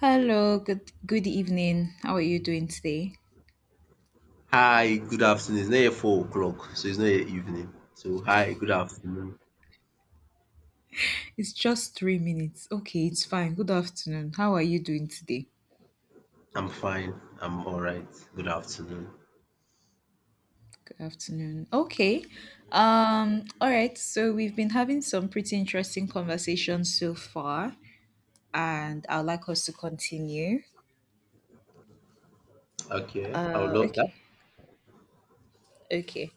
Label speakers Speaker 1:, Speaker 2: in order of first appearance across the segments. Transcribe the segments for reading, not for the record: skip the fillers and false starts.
Speaker 1: Hello, good evening. How are you doing today?
Speaker 2: Hi, good afternoon. It's not yet 4 o'clock, so it's not yet evening. So hi, good afternoon.
Speaker 1: It's just 3 minutes. Okay, it's fine. Good afternoon. How are you doing today?
Speaker 2: I'm fine. I'm all right. Good afternoon.
Speaker 1: Good afternoon. Okay. All right, so we've been having some pretty interesting conversations so far, and I'd like us to continue.
Speaker 2: Okay, I would love that.
Speaker 1: Okay. Okay.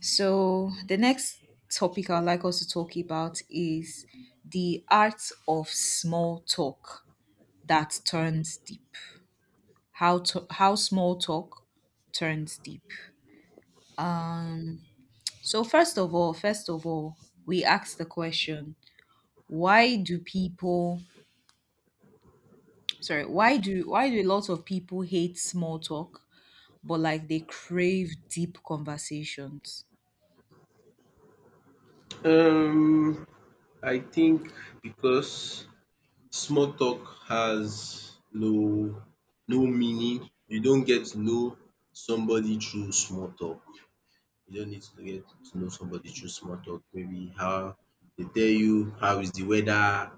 Speaker 1: So the next topic I'd like us to talk about is the art of small talk that turns deep. How small talk turns deep. Um, so first of all, we ask the question: Why do people? Sorry, why do a lot of people hate small talk, but like they crave deep conversations?
Speaker 2: Um, I think because small talk has no meaning. You don't get to know somebody through small talk. You don't need to get to know somebody through small talk. Maybe how they tell you how is the weather.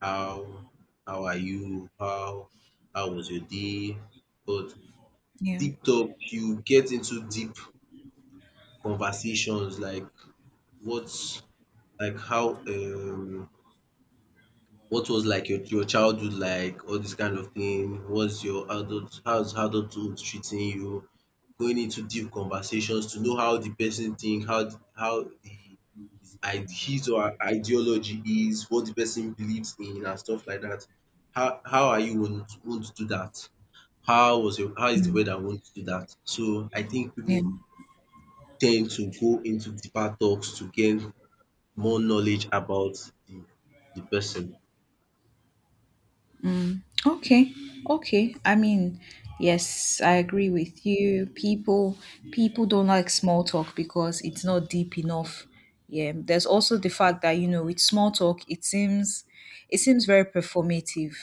Speaker 2: How how are you? How was your day? But
Speaker 1: Yeah.
Speaker 2: deep talk, you get into deep conversations like what's like how what was like your childhood like? All this kind of thing. What's your adult? How's adulthood treating you? Going into deep conversations to know how the person think, how the his or her ideology is, what the person believes in, and stuff like that. How are you won't do that? How was your how is the weather won't do that? So I think
Speaker 1: Yeah.
Speaker 2: people tend to go into deeper talks to gain more knowledge about the the person.
Speaker 1: Okay. Okay. I mean, yes, I agree with you. People don't like small talk because it's not deep enough. Yeah. There's also the fact that, you know, with small talk, it seems very performative.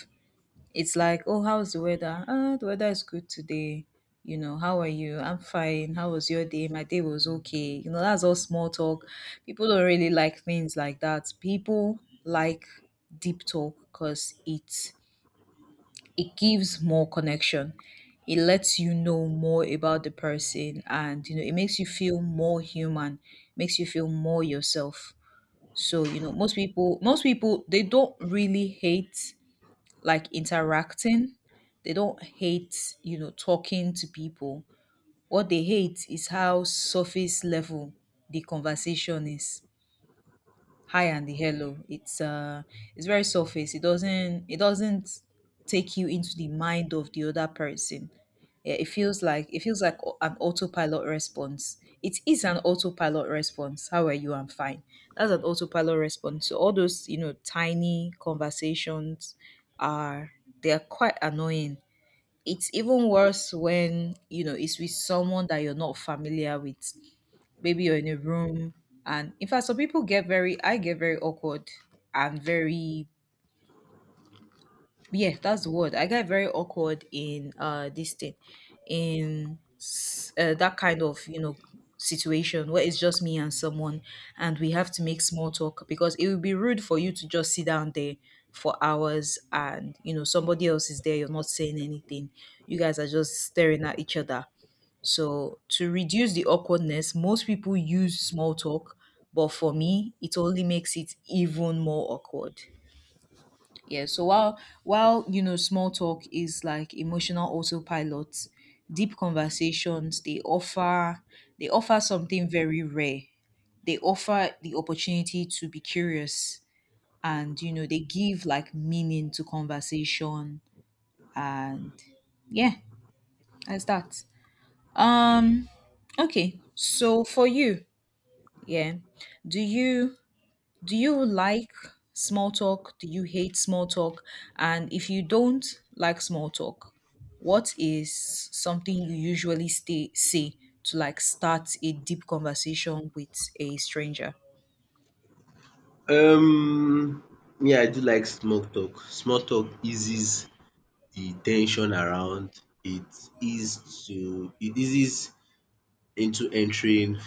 Speaker 1: It's like, "Oh, how's the weather?" "Ah, the weather is good today." You know, "How are you?" "I'm fine." "How was your day?" "My day was okay." You know, that's all small talk. People don't really like things like that. People like deep talk because it gives more connection. It lets you know more about the person, and you know, it makes you feel more human, makes you feel more yourself. So, you know, most people they don't really hate like interacting. They don't hate, you know, talking to people. What they hate is how surface level the conversation is. High and the hello, it's very surface. It doesn't take you into the mind of the other person. Yeah, it feels like an autopilot response. It is an autopilot response. How are you? I'm fine. That's an autopilot response. So all those, you know, tiny conversations, are they are quite annoying. It's even worse when, you know, it's with someone that you're not familiar with, maybe you're in a room. And in fact, some people, get very awkward, and very, yeah, that's the word, I get very awkward in this thing, in that kind of, you know, situation where it's just me and someone, and we have to make small talk because it would be rude for you to just sit down there for hours, and you know, somebody else is there, you're not saying anything, you guys are just staring at each other. So to reduce the awkwardness, most people use small talk, but for me, it only makes it even more awkward. Yeah, so while you know, small talk is like emotional autopilot, deep conversations, they offer something very rare. They offer the opportunity to be curious, and you know, they give like meaning to conversation. And yeah, that's that. Um okay, so for you, yeah, Do you do you like small talk? Do you hate small talk? And if you don't like small talk, what is something you usually stay say to, like, start a deep conversation with a stranger?
Speaker 2: Um, Me, I do like small talk. Small talk eases the tension around. It eases into entering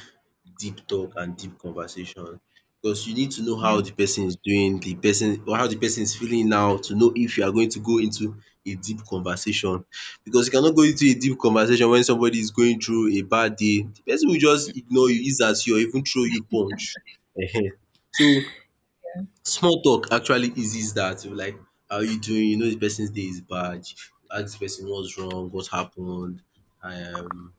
Speaker 2: deep talk and deep conversation because you need to know
Speaker 1: Yeah.
Speaker 2: how the person is doing, the person or how the person is feeling now to know if you are going to go into a deep conversation because you cannot go into a deep conversation when somebody is going through a bad day. The person will just ignore you, ease at you, or even throw you punch. Ehen. So small talk actually eases that. You're like, how are you doing? You know the person's day is bad. You ask the person what's wrong, what happened. Um,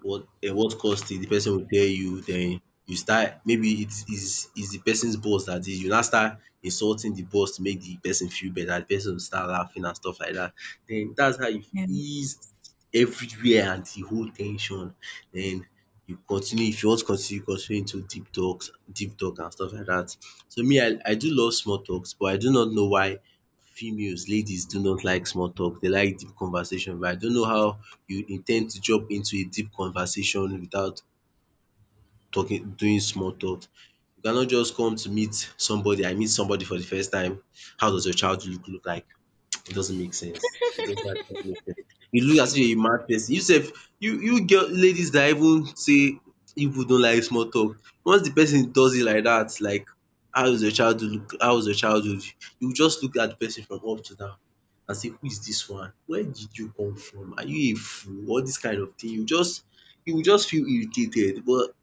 Speaker 2: what what caused it, the person will tell you, then you start maybe it is the person's boss that did, you now start insulting the boss to make the person feel better, the person will start laughing and stuff like that. Then that's how you
Speaker 1: Yeah.
Speaker 2: ease everywhere and the whole ten sion. Then you continue, if you want to continue, continue into deep talk and stuff like that. So me I do love small talks, but I do not know why females, ladies do not like small talk, they like deep conversation, but I don't know how you in ten d to jump into a deep conversation without talking doing small talk. You cannot just come to meet somebody, I meet somebody for the first time, how does your childhood look like? It doesn't make sense. It doesn't actually make sense. You look as if you're a mad person. You sef, you girl ladies that even say you people don't like small talk, once the person does it like dat, like how is your childhood look, how was your childhood, you just look at the person from up to down and say, who is dis one? Where did you come from? Are you a fool? All dis kind of thing. You will just feel irritated, but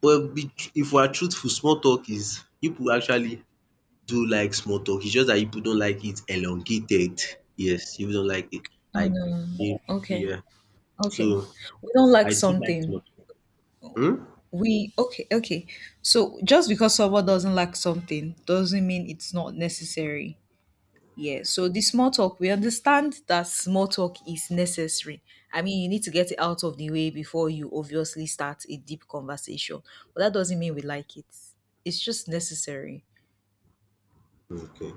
Speaker 2: but be, tr- if we are truthful, small talk, is people actually do like small talk. It's just that people don't like it elongated. Yes, people don't like it
Speaker 1: Oh
Speaker 2: like
Speaker 1: no.
Speaker 2: big.
Speaker 1: Okay.
Speaker 2: Yeah.
Speaker 1: Okay.
Speaker 2: So,
Speaker 1: We don't like something.
Speaker 2: hmm?
Speaker 1: We okay, okay. So just because someone doesn't like something doesn't mean it's not necessary. Yeah, so the small talk, we understand that small talk is necessary. I mean, you need to get it out of the way before you obviously start a deep conversation. But that doesn't mean we like it. It's just necessary.
Speaker 2: Okay.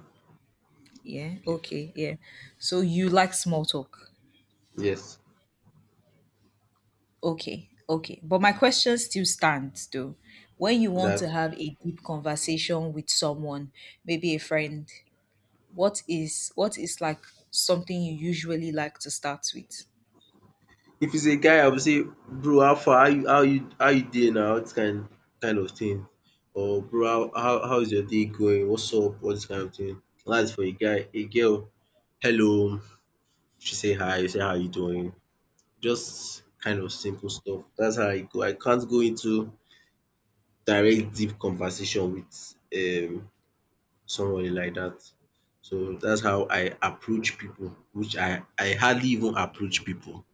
Speaker 1: Yeah,
Speaker 2: Okay.
Speaker 1: okay, yeah. So you like small talk.
Speaker 2: Yes.
Speaker 1: Okay, okay. But my question still stands though. When you want to
Speaker 2: That
Speaker 1: have a deep conversation with someone, maybe a friend, what is like something you usually like to start with?
Speaker 2: if it's a guy, I would say, bro, how far? How you dey now? This kind of thing. Or bro, how is your day going? What's up? All this kind of thing. That's for a guy. A girl, hello. She say hi. You say how you doing? Just kind of simple stuff. That's how I go. I can't go into direct deep conversation with somebody like that. So that's how I approach people, which I hardly even approach people.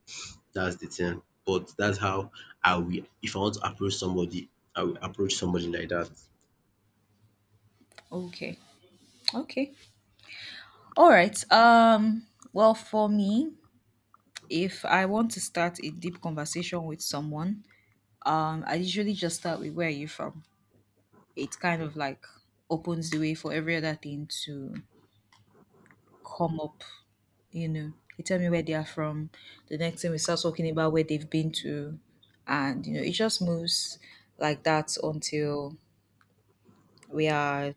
Speaker 2: That's the thing. But that's how I will If I want to approach somebody, I will approach somebody like that.
Speaker 1: Okay. Okay. All right. Well, for me, if I want to start a deep conversation with someone, I usually just start with, where are you from? It kind of like opens the way for every other thing to come up, you know. They tell me where they are from. The next thing, we start talking about where they've been to, and you know, it just moves like that until we are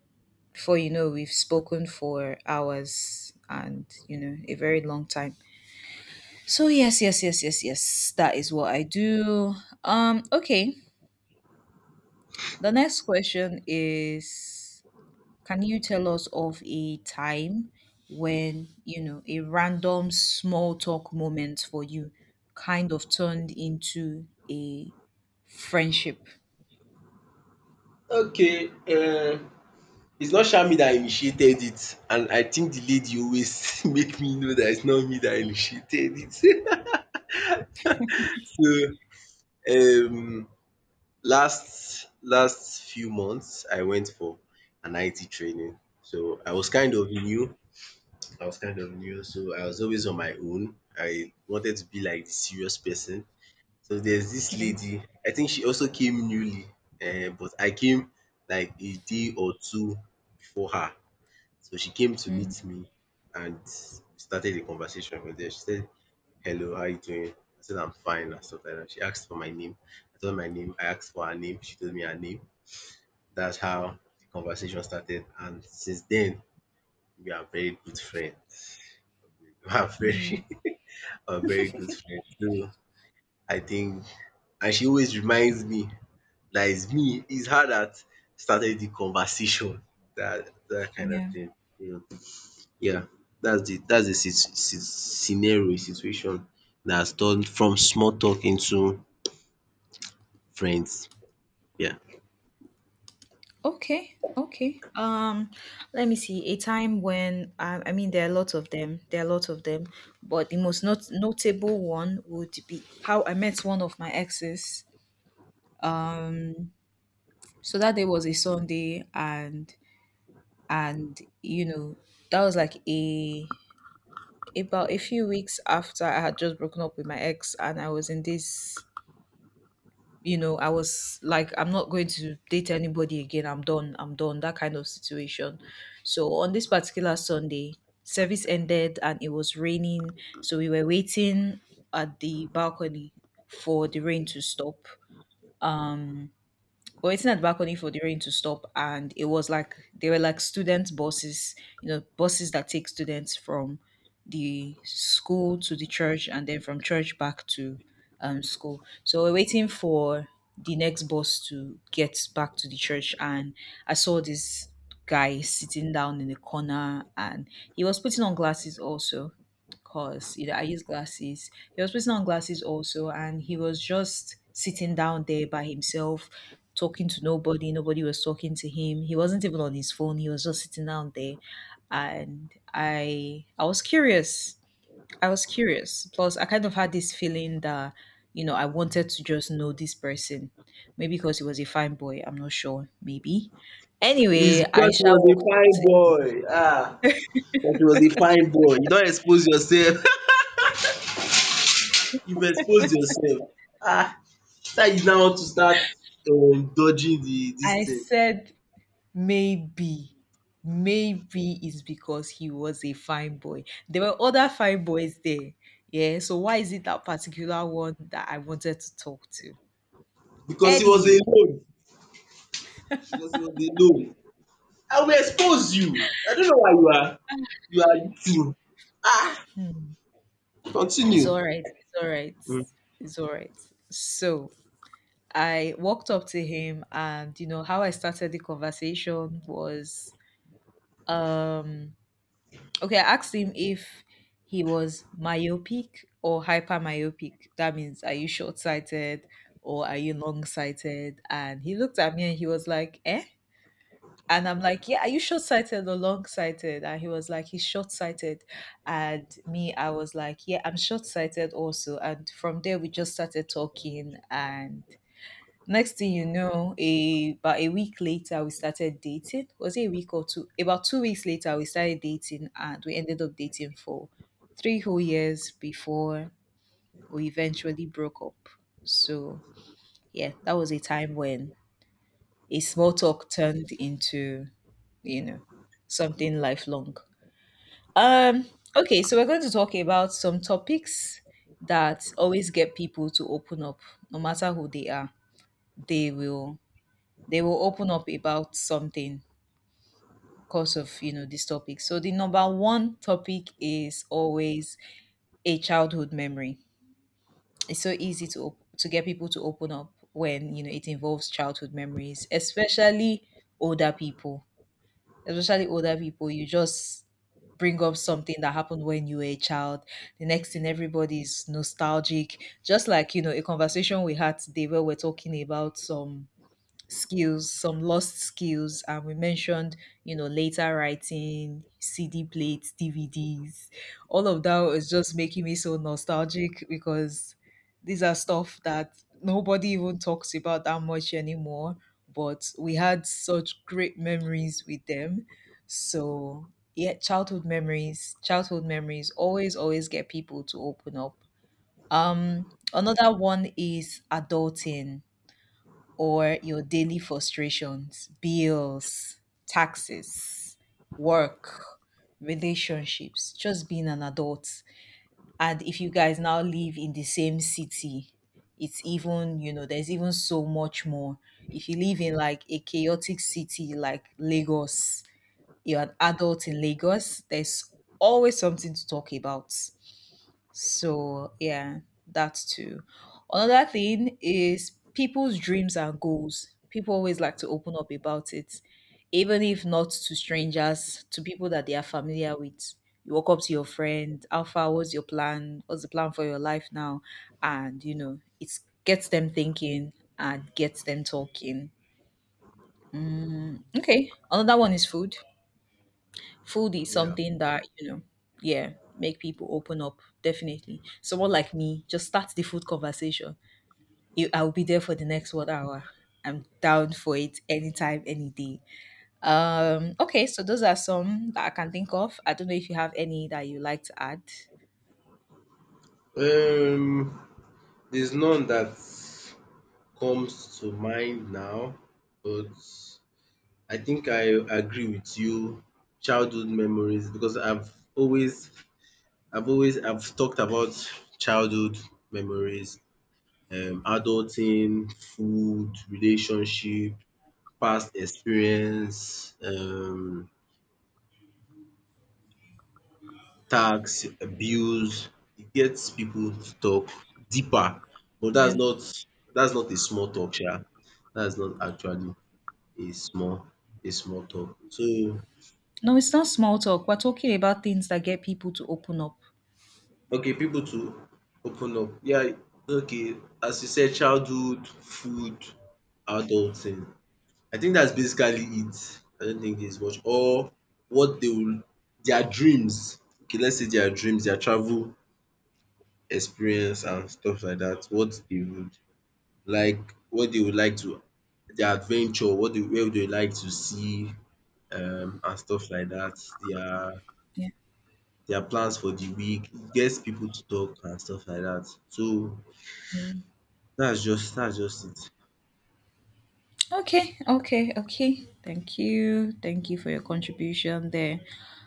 Speaker 1: before you know, we've spoken for hours and, you know, a very long time. So yes, yes, yes, yes, yes. That is what I do. Okay. The next question is, can you tell us of a time when, you know, a random small talk moment for you kind of turned into a friendship?
Speaker 2: Okay. It's not sha me dat initiated it, and I think the lady always make me know that it's not me that initiated it. So um last few months, I went for an IT training. So I was kind of new. I was kind of new, so I was always on my own. I wanted to be like the serious person. So there's this
Speaker 1: Yeah.
Speaker 2: lady. I think she also came newly, but I came like a day or two before her. So she came to
Speaker 1: Mm,
Speaker 2: meet me, and we started a conversation from there. She said, "Hello, how you doing?" I said, "I'm fine," and stuff like that. She asked for my name. I told her my name. I asked for her name. She told me her name. That's how the conversation started, and since then we are very good friends. We are
Speaker 1: mm, mm,
Speaker 2: very, we are very good friends. So I think, and she always reminds me that it's her that started the conversation. That kind of
Speaker 1: yeah.
Speaker 2: thing. So, yeah, that's the sit- sit- scenario situation that has turned from small talk into friends. Yeah.
Speaker 1: Okay, okay. Let me see. A time when I mean, there are lots of them. There are lots of them, but the most not notable one would be how I met one of my exes. Um, so that day was a Sunday, and you know, that was like a about a few weeks after I had just broken up with my ex, and I was in this you know, I was like, I'm not going to date anybody again. I'm done. I'm done. That kind of situation. So on this particular Sunday, service ended and it was raining. So we were waiting at the balcony for the rain to stop. Um, we're waiting at the balcony for the rain to stop, and it was like, they were like student buses, you know, buses that take students from the school to the church, and then from church back to school. So we're waiting for the next bus to get back to the church, and I saw this guy sitting down in the corner, and he was putting on glasses also, because, you know, I use glasses. He was putting on glasses also, and he was just sitting down there by himself, talking to nobody. Nobody was talking to him. He wasn't even on his phone. He was just sitting down there, and I was curious. I was curious. Plus, I kind of had this feeling that, you know, I wanted to just know this person. Maybe because he was a fine boy. I'm not sure. Maybe. Anyway,
Speaker 2: It's because
Speaker 1: Aisha
Speaker 2: he was a
Speaker 1: walked up
Speaker 2: fine
Speaker 1: to him.
Speaker 2: boy. Ah, because he was a fine boy. You don't expose yourself. You've exposed yourself. Ah, now you now want to start dodging the this
Speaker 1: I
Speaker 2: thing
Speaker 1: said, Maybe, maybe it's because he was a fine boy. There were other fine boys there. Yeah. So why is it that particular one that I wanted to talk to?
Speaker 2: because he was
Speaker 1: Anyway,
Speaker 2: alone, because he was alone. I will expose you. I don't know why you are eating. Ah,
Speaker 1: hmm, it's all
Speaker 2: continue.
Speaker 1: right. It's all right.
Speaker 2: Mm.
Speaker 1: It's all right. So I walked up to him, and you know how I started the conversation was, um okay, I asked him if he was myopic or hypermyopic. That means, are you short sighted or are you long sighted? And he looked at me and he was like, eh? And I'm like, yeah, are you short sighted or long sighted? And he was like, he's short sighted. And me, I was like, yeah, I'm short sighted also. And from there, we just started talking, and next thing you know, a about a week later we started dating. Was it a week or two? About 2 weeks later we started dating, and we ended up dating for 3 whole years before we eventually broke up. So yeah, that was a time when a small talk turned into, you know, something lifelong. Um, okay, so we're going to talk about some topics that always get people to open up, no matter who they are. They will they will open up about something because of, you know, this topic. So the number one topic is always a childhood memory. It's so easy to get people to open up when, you know, it involves childhood memories, older people especially older people. You just bring up something that happened when you were a child. The next thing, everybody's nostalgic, just like, you know, a conversation we had today where we're talking about some skills, some lost skills, and we mentioned, you know, later writing, CD plates, DVDs. All of that was just making me so nostalgic, because these are stuff that nobody even talks about that much anymore, but we had such great memories with them. So, yeah, childhood memories, childhood memories, always, always get people to open up. Um, Another one is adulting, or your daily frustrations, bills, taxes, work, relationships, just being an adult. And if you guys now live in the same city, you know, there's even so much more. If you live in like a chaotic city like Lagos, you're an adult in Lagos, there's always something to talk about. So yeah, that's too. Another thing is people's dreams and goals. People always like to open up about it, even if not to strangers, to people that they are familiar with. You walk up to your friend, how far was your plan? What's the plan for your life now? And you know, it gets them thinking and gets them talking. Okay, another one is food. Food is
Speaker 2: Yeah.
Speaker 1: something that you know. Yeah, make people open up, definitely. Someone like me, just start the food conversation. I'll be there for the next 1 hour. I'm down for it anytime, any day. Okay, so those are some that I can think of. I don't know if you have any that you like to add.
Speaker 2: Um, there's none that comes to mind now, but I think I agree with you. Childhood memories, because I've talked about childhood memories, adulting, food, relationship, past experience, tax, bills. It gets people to talk deeper, but
Speaker 1: Yeah.
Speaker 2: that's not a small talk, sha. That's not actually a small a small talk. So
Speaker 1: No, it's not small talk, we're talking about things that get people to open up.
Speaker 2: okay, people to open up. Yeah, okay. As you said, childhood, food, adulting. I think that's basically it. I don't think there's much or what they will their dreams. Okay, let's say their dreams, their travel experience, and stuff like that. What they would like, what they would like to their adventure, what they where they would like to see, and stuff like that. Their
Speaker 1: Yeah.
Speaker 2: their plans for the week. It gets people to talk and stuff like that. So that's just it.
Speaker 1: Okay, okay, okay. Thank you. Thank you for your contribution there.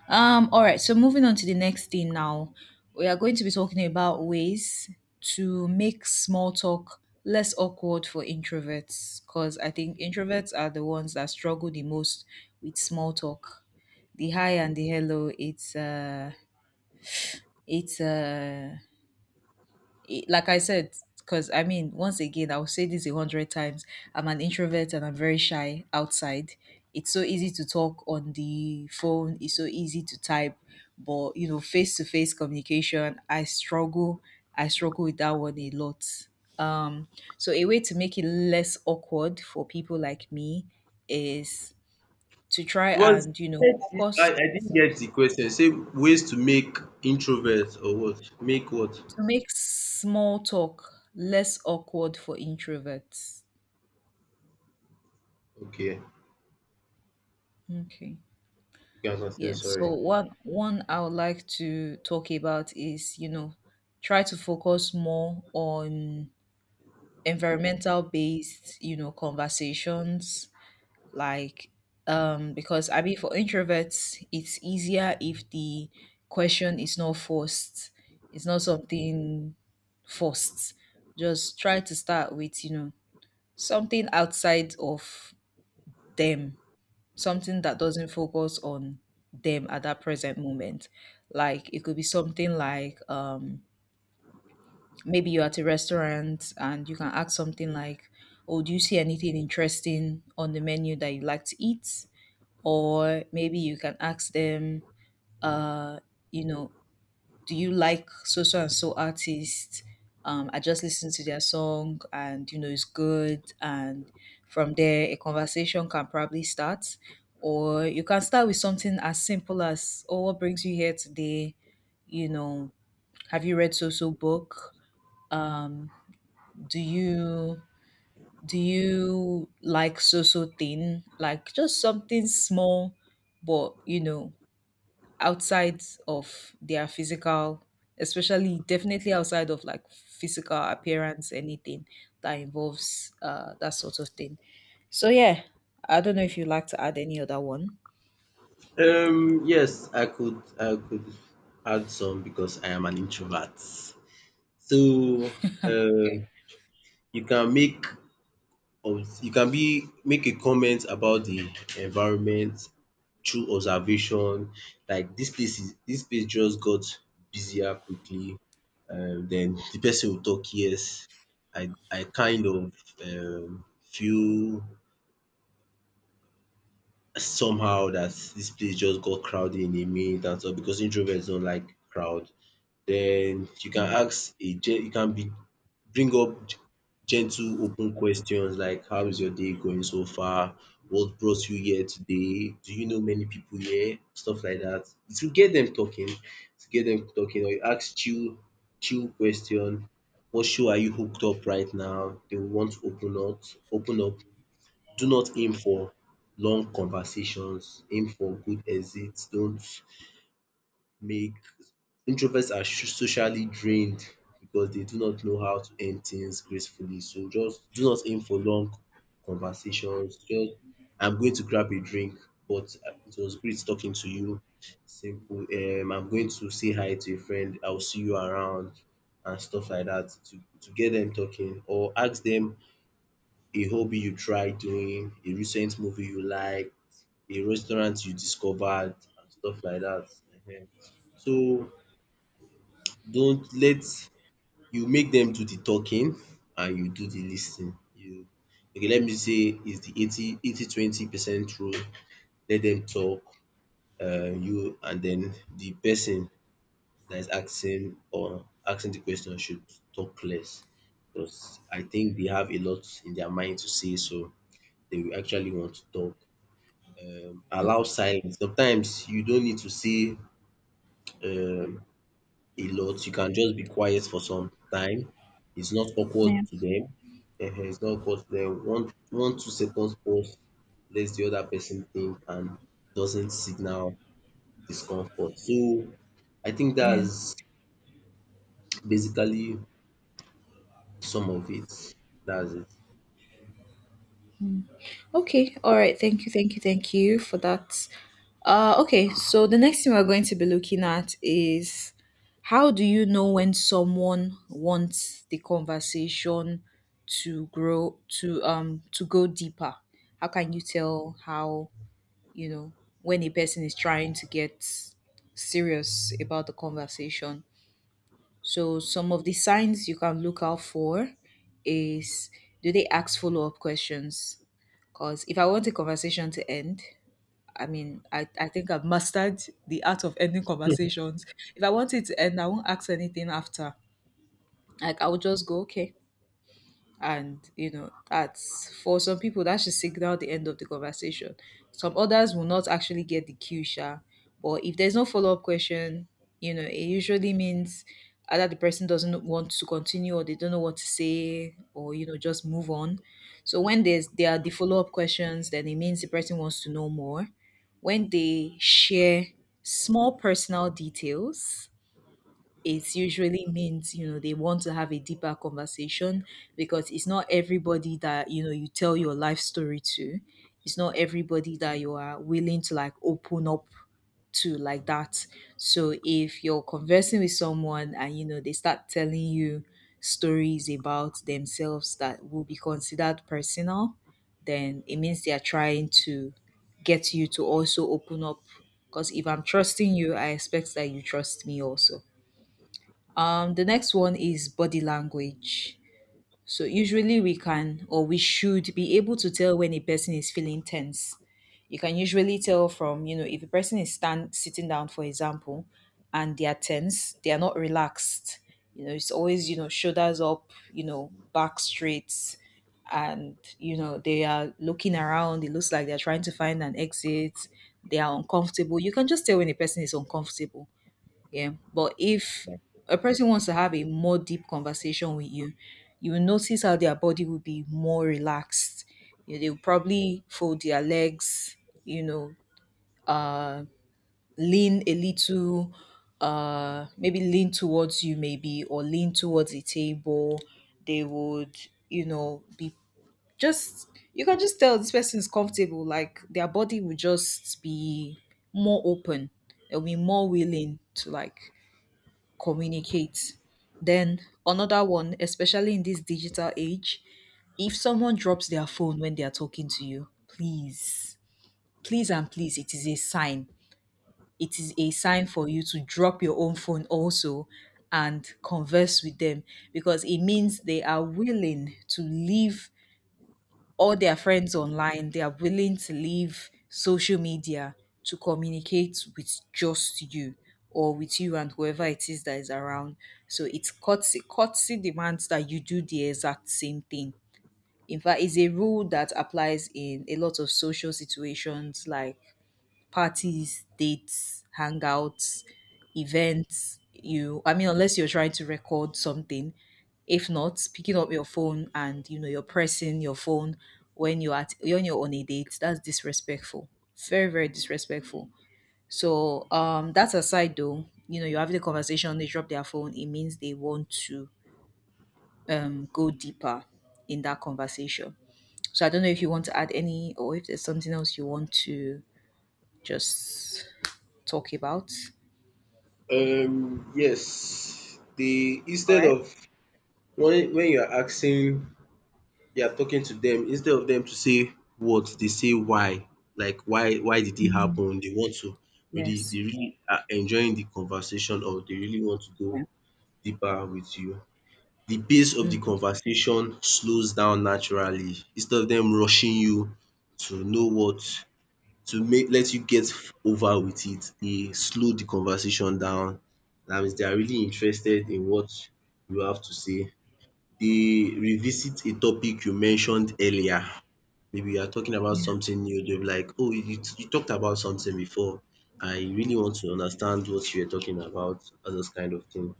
Speaker 1: All right, so moving on to the next thing now. We are going to be talking about ways to make small talk less awkward for introverts, because I think introverts are the ones that struggle the most with small talk. The hi and the hello, it's uh like I said, because I mean, once again, I'll say this 100 times. I'm an introvert and I'm very shy outside. It's so easy to talk on the phone, it's so easy to type, but you know, face to face communication, I struggle. I struggle with that one a lot. Um, so a way to make it less awkward for people like me is to try
Speaker 2: It was
Speaker 1: and, focus
Speaker 2: I didn't get the question. Say ways to make introverts or what? Make what?
Speaker 1: to make small talk less awkward for introverts.
Speaker 2: Okay,
Speaker 1: Okay.
Speaker 2: you can continue.
Speaker 1: Yeah. So
Speaker 2: Sorry.
Speaker 1: what one I would like to talk about is, try to focus more on environmental based, conversations like. Because I mean, for introverts it's easier if the question is not forced. It's not something forced. Just try to start with, something outside of them, something that doesn't focus on them at that present moment. Like, it could be something like. Maybe you're at a restaurant and you can ask something like, "Oh, do you see anything interesting on the menu that you like to eat?" Or maybe you can ask them, uh, you know, do you like so so and so artist? I just listened to their song and you know it's good, and from there a conversation can probably start. Or you can start with something as simple as, oh, what brings you here today? You know, have you read so so book? Um, do you do you like so so thing? Like, just something small, but you know, outside of their physical, especially definitely outside of like physical appearance, anything that involves that sort of thing. So yeah, I don't know if you'd like to add any other one.
Speaker 2: Yes, I could add some because I am an introvert. So,
Speaker 1: Okay.
Speaker 2: um, you can make you can be make a comment about the environment through observation, like this place just got busier quickly. Den the person will talk. Yes, I kind of feel somehow that this place just got crowded in a minute, and so, because introverts don't like crowd, then you can you can be bring up gentle open questions like, how is your day going so far? What brought you here today? Do you know many people here? Stuff like that. It will get them talking, or you ask chill question. What show are you hooked up right now? They will want to open up. Do not aim for long conversations, aim for good exits. Don't make Introverts are socially drained because they do not know how to end things gracefully. So just do not aim for long conversations. Just I'm going to grab a drink, but it was great talking to you. Simple. I'm going to say hi to a friend. I'll see you around and stuff like that, to get them talking, or ask them a hobby you tried doing, a recent movie you like, a restaurant you discovered, and stuff like that. Ehen. So don't let you make them do the talking and you do the lis ten ing. You Okay, let me say is the eighty twenty percent rule. Let them talk. You and then The person that is asking or asking the question should talk less, because I think they have a lot in their mind to say, so they will actually want to talk. Allow silence. Sometimes you don't need to say um a lot. You can just be quiet for some time. It's not awkward
Speaker 1: Yeah.
Speaker 2: to them. Ehen, it's not awkward to them. One, 2 seconds pause lets the other person think and doesn't signal discomfort. So I think
Speaker 1: Yeah.
Speaker 2: that's basically some of it. That's it.
Speaker 1: Okay, all right. Thank you, thank you, thank you for that. Okay, so the next thing we're going to be looking at is, how do you know when someone wants the conversation to grow to go deeper? How can you tell, how you know when a person is trying to get serious about the conversation? So some of the signs you can look out for is, do they ask follow up questions? Because if I want a conversation to end, I mean, I think I've mastered the art of ending conversations. If I want it to end, I won't ask anything after. Like, I will just go, okay, and you know that's for some people. That should signal the end of the conversation. Some others will not actually get the cue, sha, but if there's no follow-up question, you know it usually means either the person doesn't want to continue, or they don't know what to say, or you know, just move on. So when there are the follow-up questions, then it means the person wants to know more. When they share small personal details, it usually means, you know, they want to have a deeper conversation, because it's not everybody that, you know, you tell your life story to. It's not everybody that you are willing to like open up to, like that. So if you're conversing with someone and you know they start telling you stories about themselves that will be considered personal, then it means they are trying to get you to also open up, because if I'm trusting you, I expect that you trust me also. The next one is body language. So usually we can, or we should be able to tell when a person is feeling tense. You can usually tell from, you know, if a person is stand sitting down, for example, and they are tense, they are not relaxed. You know, it's always, you know, shoulders up, you know, back straight, and you know, they are looking around. It looks like they're trying to find an exit. They are uncomfortable. You can just tell when a person is uncomfortable, yeah. But if a person wants to have a more deep conversation with you, you will notice how their body will be more relaxed. You know, they'll probably fold their legs, you know, uh, lean a little, maybe lean towards you, maybe, or lean towards the table. They would, you know, be just, you can just tell this person is comfortable. Like, their body will just be more open. They'll be more willing to like communicate. Then another one, especially in this digital age, if someone drops their phone when they are talking to you, please, please and please, it is a sign. It is a sign for you to drop your own phone also and converse with them, because it means they are willing to leave all their friends online, they are willing to leave social media to communicate with just you, or with you and whoever it is that is around. So it's courtesy. Courtesy demands that you do the exact same thing. In fact, it's a rule that applies in a lot of social situations like parties, dates, hangouts, events. You, I mean, unless you're trying to record something. If not, picking up your phone and you know, you're pressing your phone when you're on a date, that's disrespectful. Very, very disrespectful. So that aside though, you know, you're having a conversation, they drop their phone, it means they want to go deeper in that conversation. So I don't know if you want to add any, or if there's something else you want to just talk about.
Speaker 2: Yes, the
Speaker 1: All
Speaker 2: instead
Speaker 1: right.
Speaker 2: of when you are asking they are talking to them, instead of them to say what they say why, like why did it happen, they want to really
Speaker 1: Yes.
Speaker 2: they really are enjoying the conversation, or they really want to
Speaker 1: Yeah.
Speaker 2: go deeper with you. The pace of the
Speaker 1: Mm.
Speaker 2: conversation slows down naturally instead of them rushing you to know what to make let you get over with it. They slow the conversation down. That means they are really interested in what you have to say. They revisit a topic you mentioned earlier. Maybe you are talking about
Speaker 1: Yeah.
Speaker 2: something new, they'll be like, "Oh, you talked about something before. I really want to understand what you are talking about," all those kind of thing.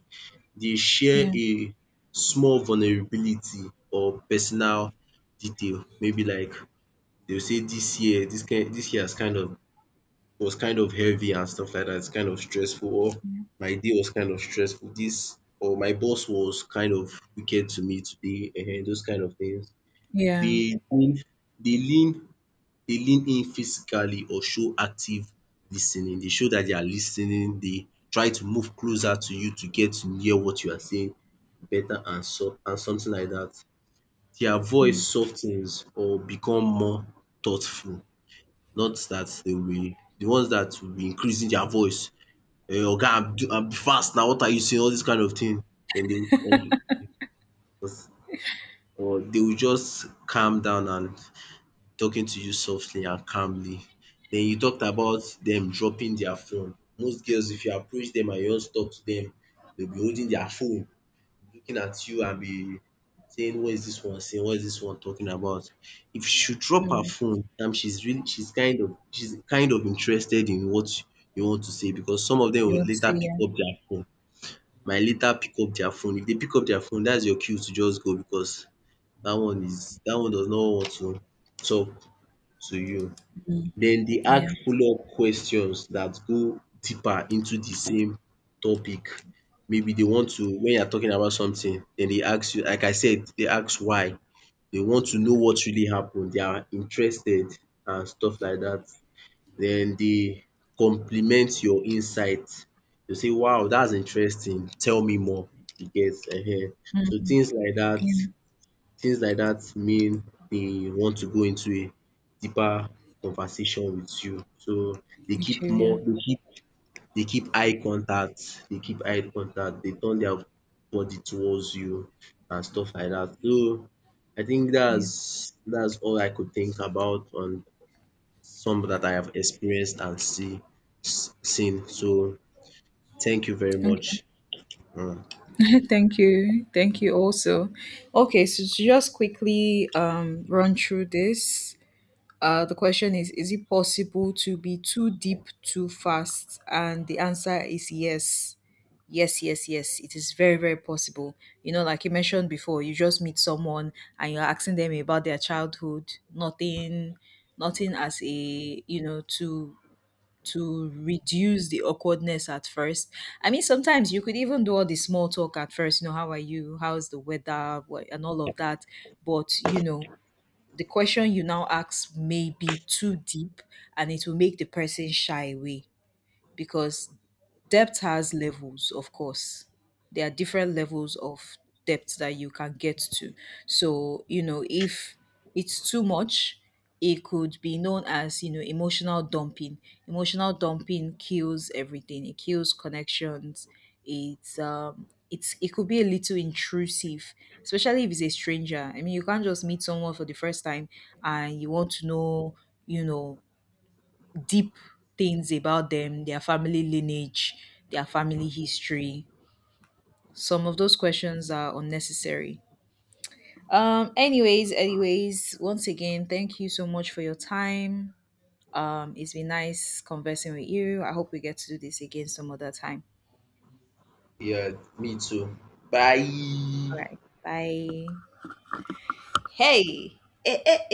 Speaker 2: They share
Speaker 1: Yeah.
Speaker 2: a small vulnerability or personal detail. Maybe like they'll say, this year, this year has was kind of heavy and stuff like that. It's kind of stressful, or my day was kind of stressful. This or my boss was kind of wicked to me today, those kind of things.
Speaker 1: Yeah.
Speaker 2: They lean they lean Dey lean in physically or show active lis ten ing. Dey show dat they are lis ten ing, dey try to move closer to you to get to hear what you are saying better, and so and something like dat. Their voice sof ten s or become more thoughtful. Not dat they will the ones dat will be increasing their voice. "Oga abi fast now, what are you saying?" All dis kind of thing. Then they will come or They will just calm down and talking to you softly and calmly. Den you talked about dem dropping their phone. Most girls, if you approach dem and you want to talk to dem, dey be holding their phone, looking at you, and be saying, "what is dis one saying, what is dis one talking about?" If she drop her
Speaker 1: Mm.
Speaker 2: phone, dat means she's kind of interested in what you want to say, because some of dem
Speaker 1: You
Speaker 2: will
Speaker 1: would say.
Speaker 2: later pick
Speaker 1: Yeah.
Speaker 2: up their phone, might later pick up their phone. If dey pick up their phone, dats your cue to just go, because dat one does not want to talk to you. Den dey
Speaker 1: Yeah.
Speaker 2: ask follow up questions dat go deeper into de same topic. Maybe dey want to wen you are talking about something dem dey ask you, like I said, dey ask why. Dey want to know what really happen, dey are interested and stuff like dat. Den dey compliment your insight, dey say, "wow dats interesting tell me more," you get. So
Speaker 1: Yeah.
Speaker 2: things like that mean they want to go into a deeper conversation with you. So they
Speaker 1: Me
Speaker 2: keep
Speaker 1: too.
Speaker 2: more
Speaker 1: Yeah.
Speaker 2: they keep they keep eye contact, they turn their body towards you and stuff like that. So I think
Speaker 1: Yeah.
Speaker 2: that's all I could think about on some that I have experienced and seen. So thank you very
Speaker 1: Okay.
Speaker 2: much. um
Speaker 1: Thank you. Thank you also. Okay, so to just quickly run through this. The question is it possible to be too deep too fast? And the answer is yes. Yes, yes, yes. It is very, very possible. You know, like you mentioned before, you just meet someone and you're asking them about their childhood, nothing, nothing as a, you know, to reduce the awkwardness at first. I mean, sometimes you could even do all the small talk at first, you know, how are you? How's the weather? What, and all of that. But, you know, the question you now ask may be too deep, and it will make the person shy away, because debt has levels, of course. There are different levels of debt that you can get to. So, you know, if it's too much, it could be known as, you know, emotional dumping. Emotional dumping kills everything. It kills connections. It could be a little intrusive, especially if it's a stranger. I mean, you can't just meet someone for the first time and you want to know, you know, deep things about them, their family lineage, their family history. Some of those questions are unnecessary. Anyways, anyways, once again, thank you so much for your time. It's been nice conversing with you. I hope we get to do this again some other time.
Speaker 2: Yeah, me too. Bye.
Speaker 1: All right. Bye. Hey. Eh, eh, eh.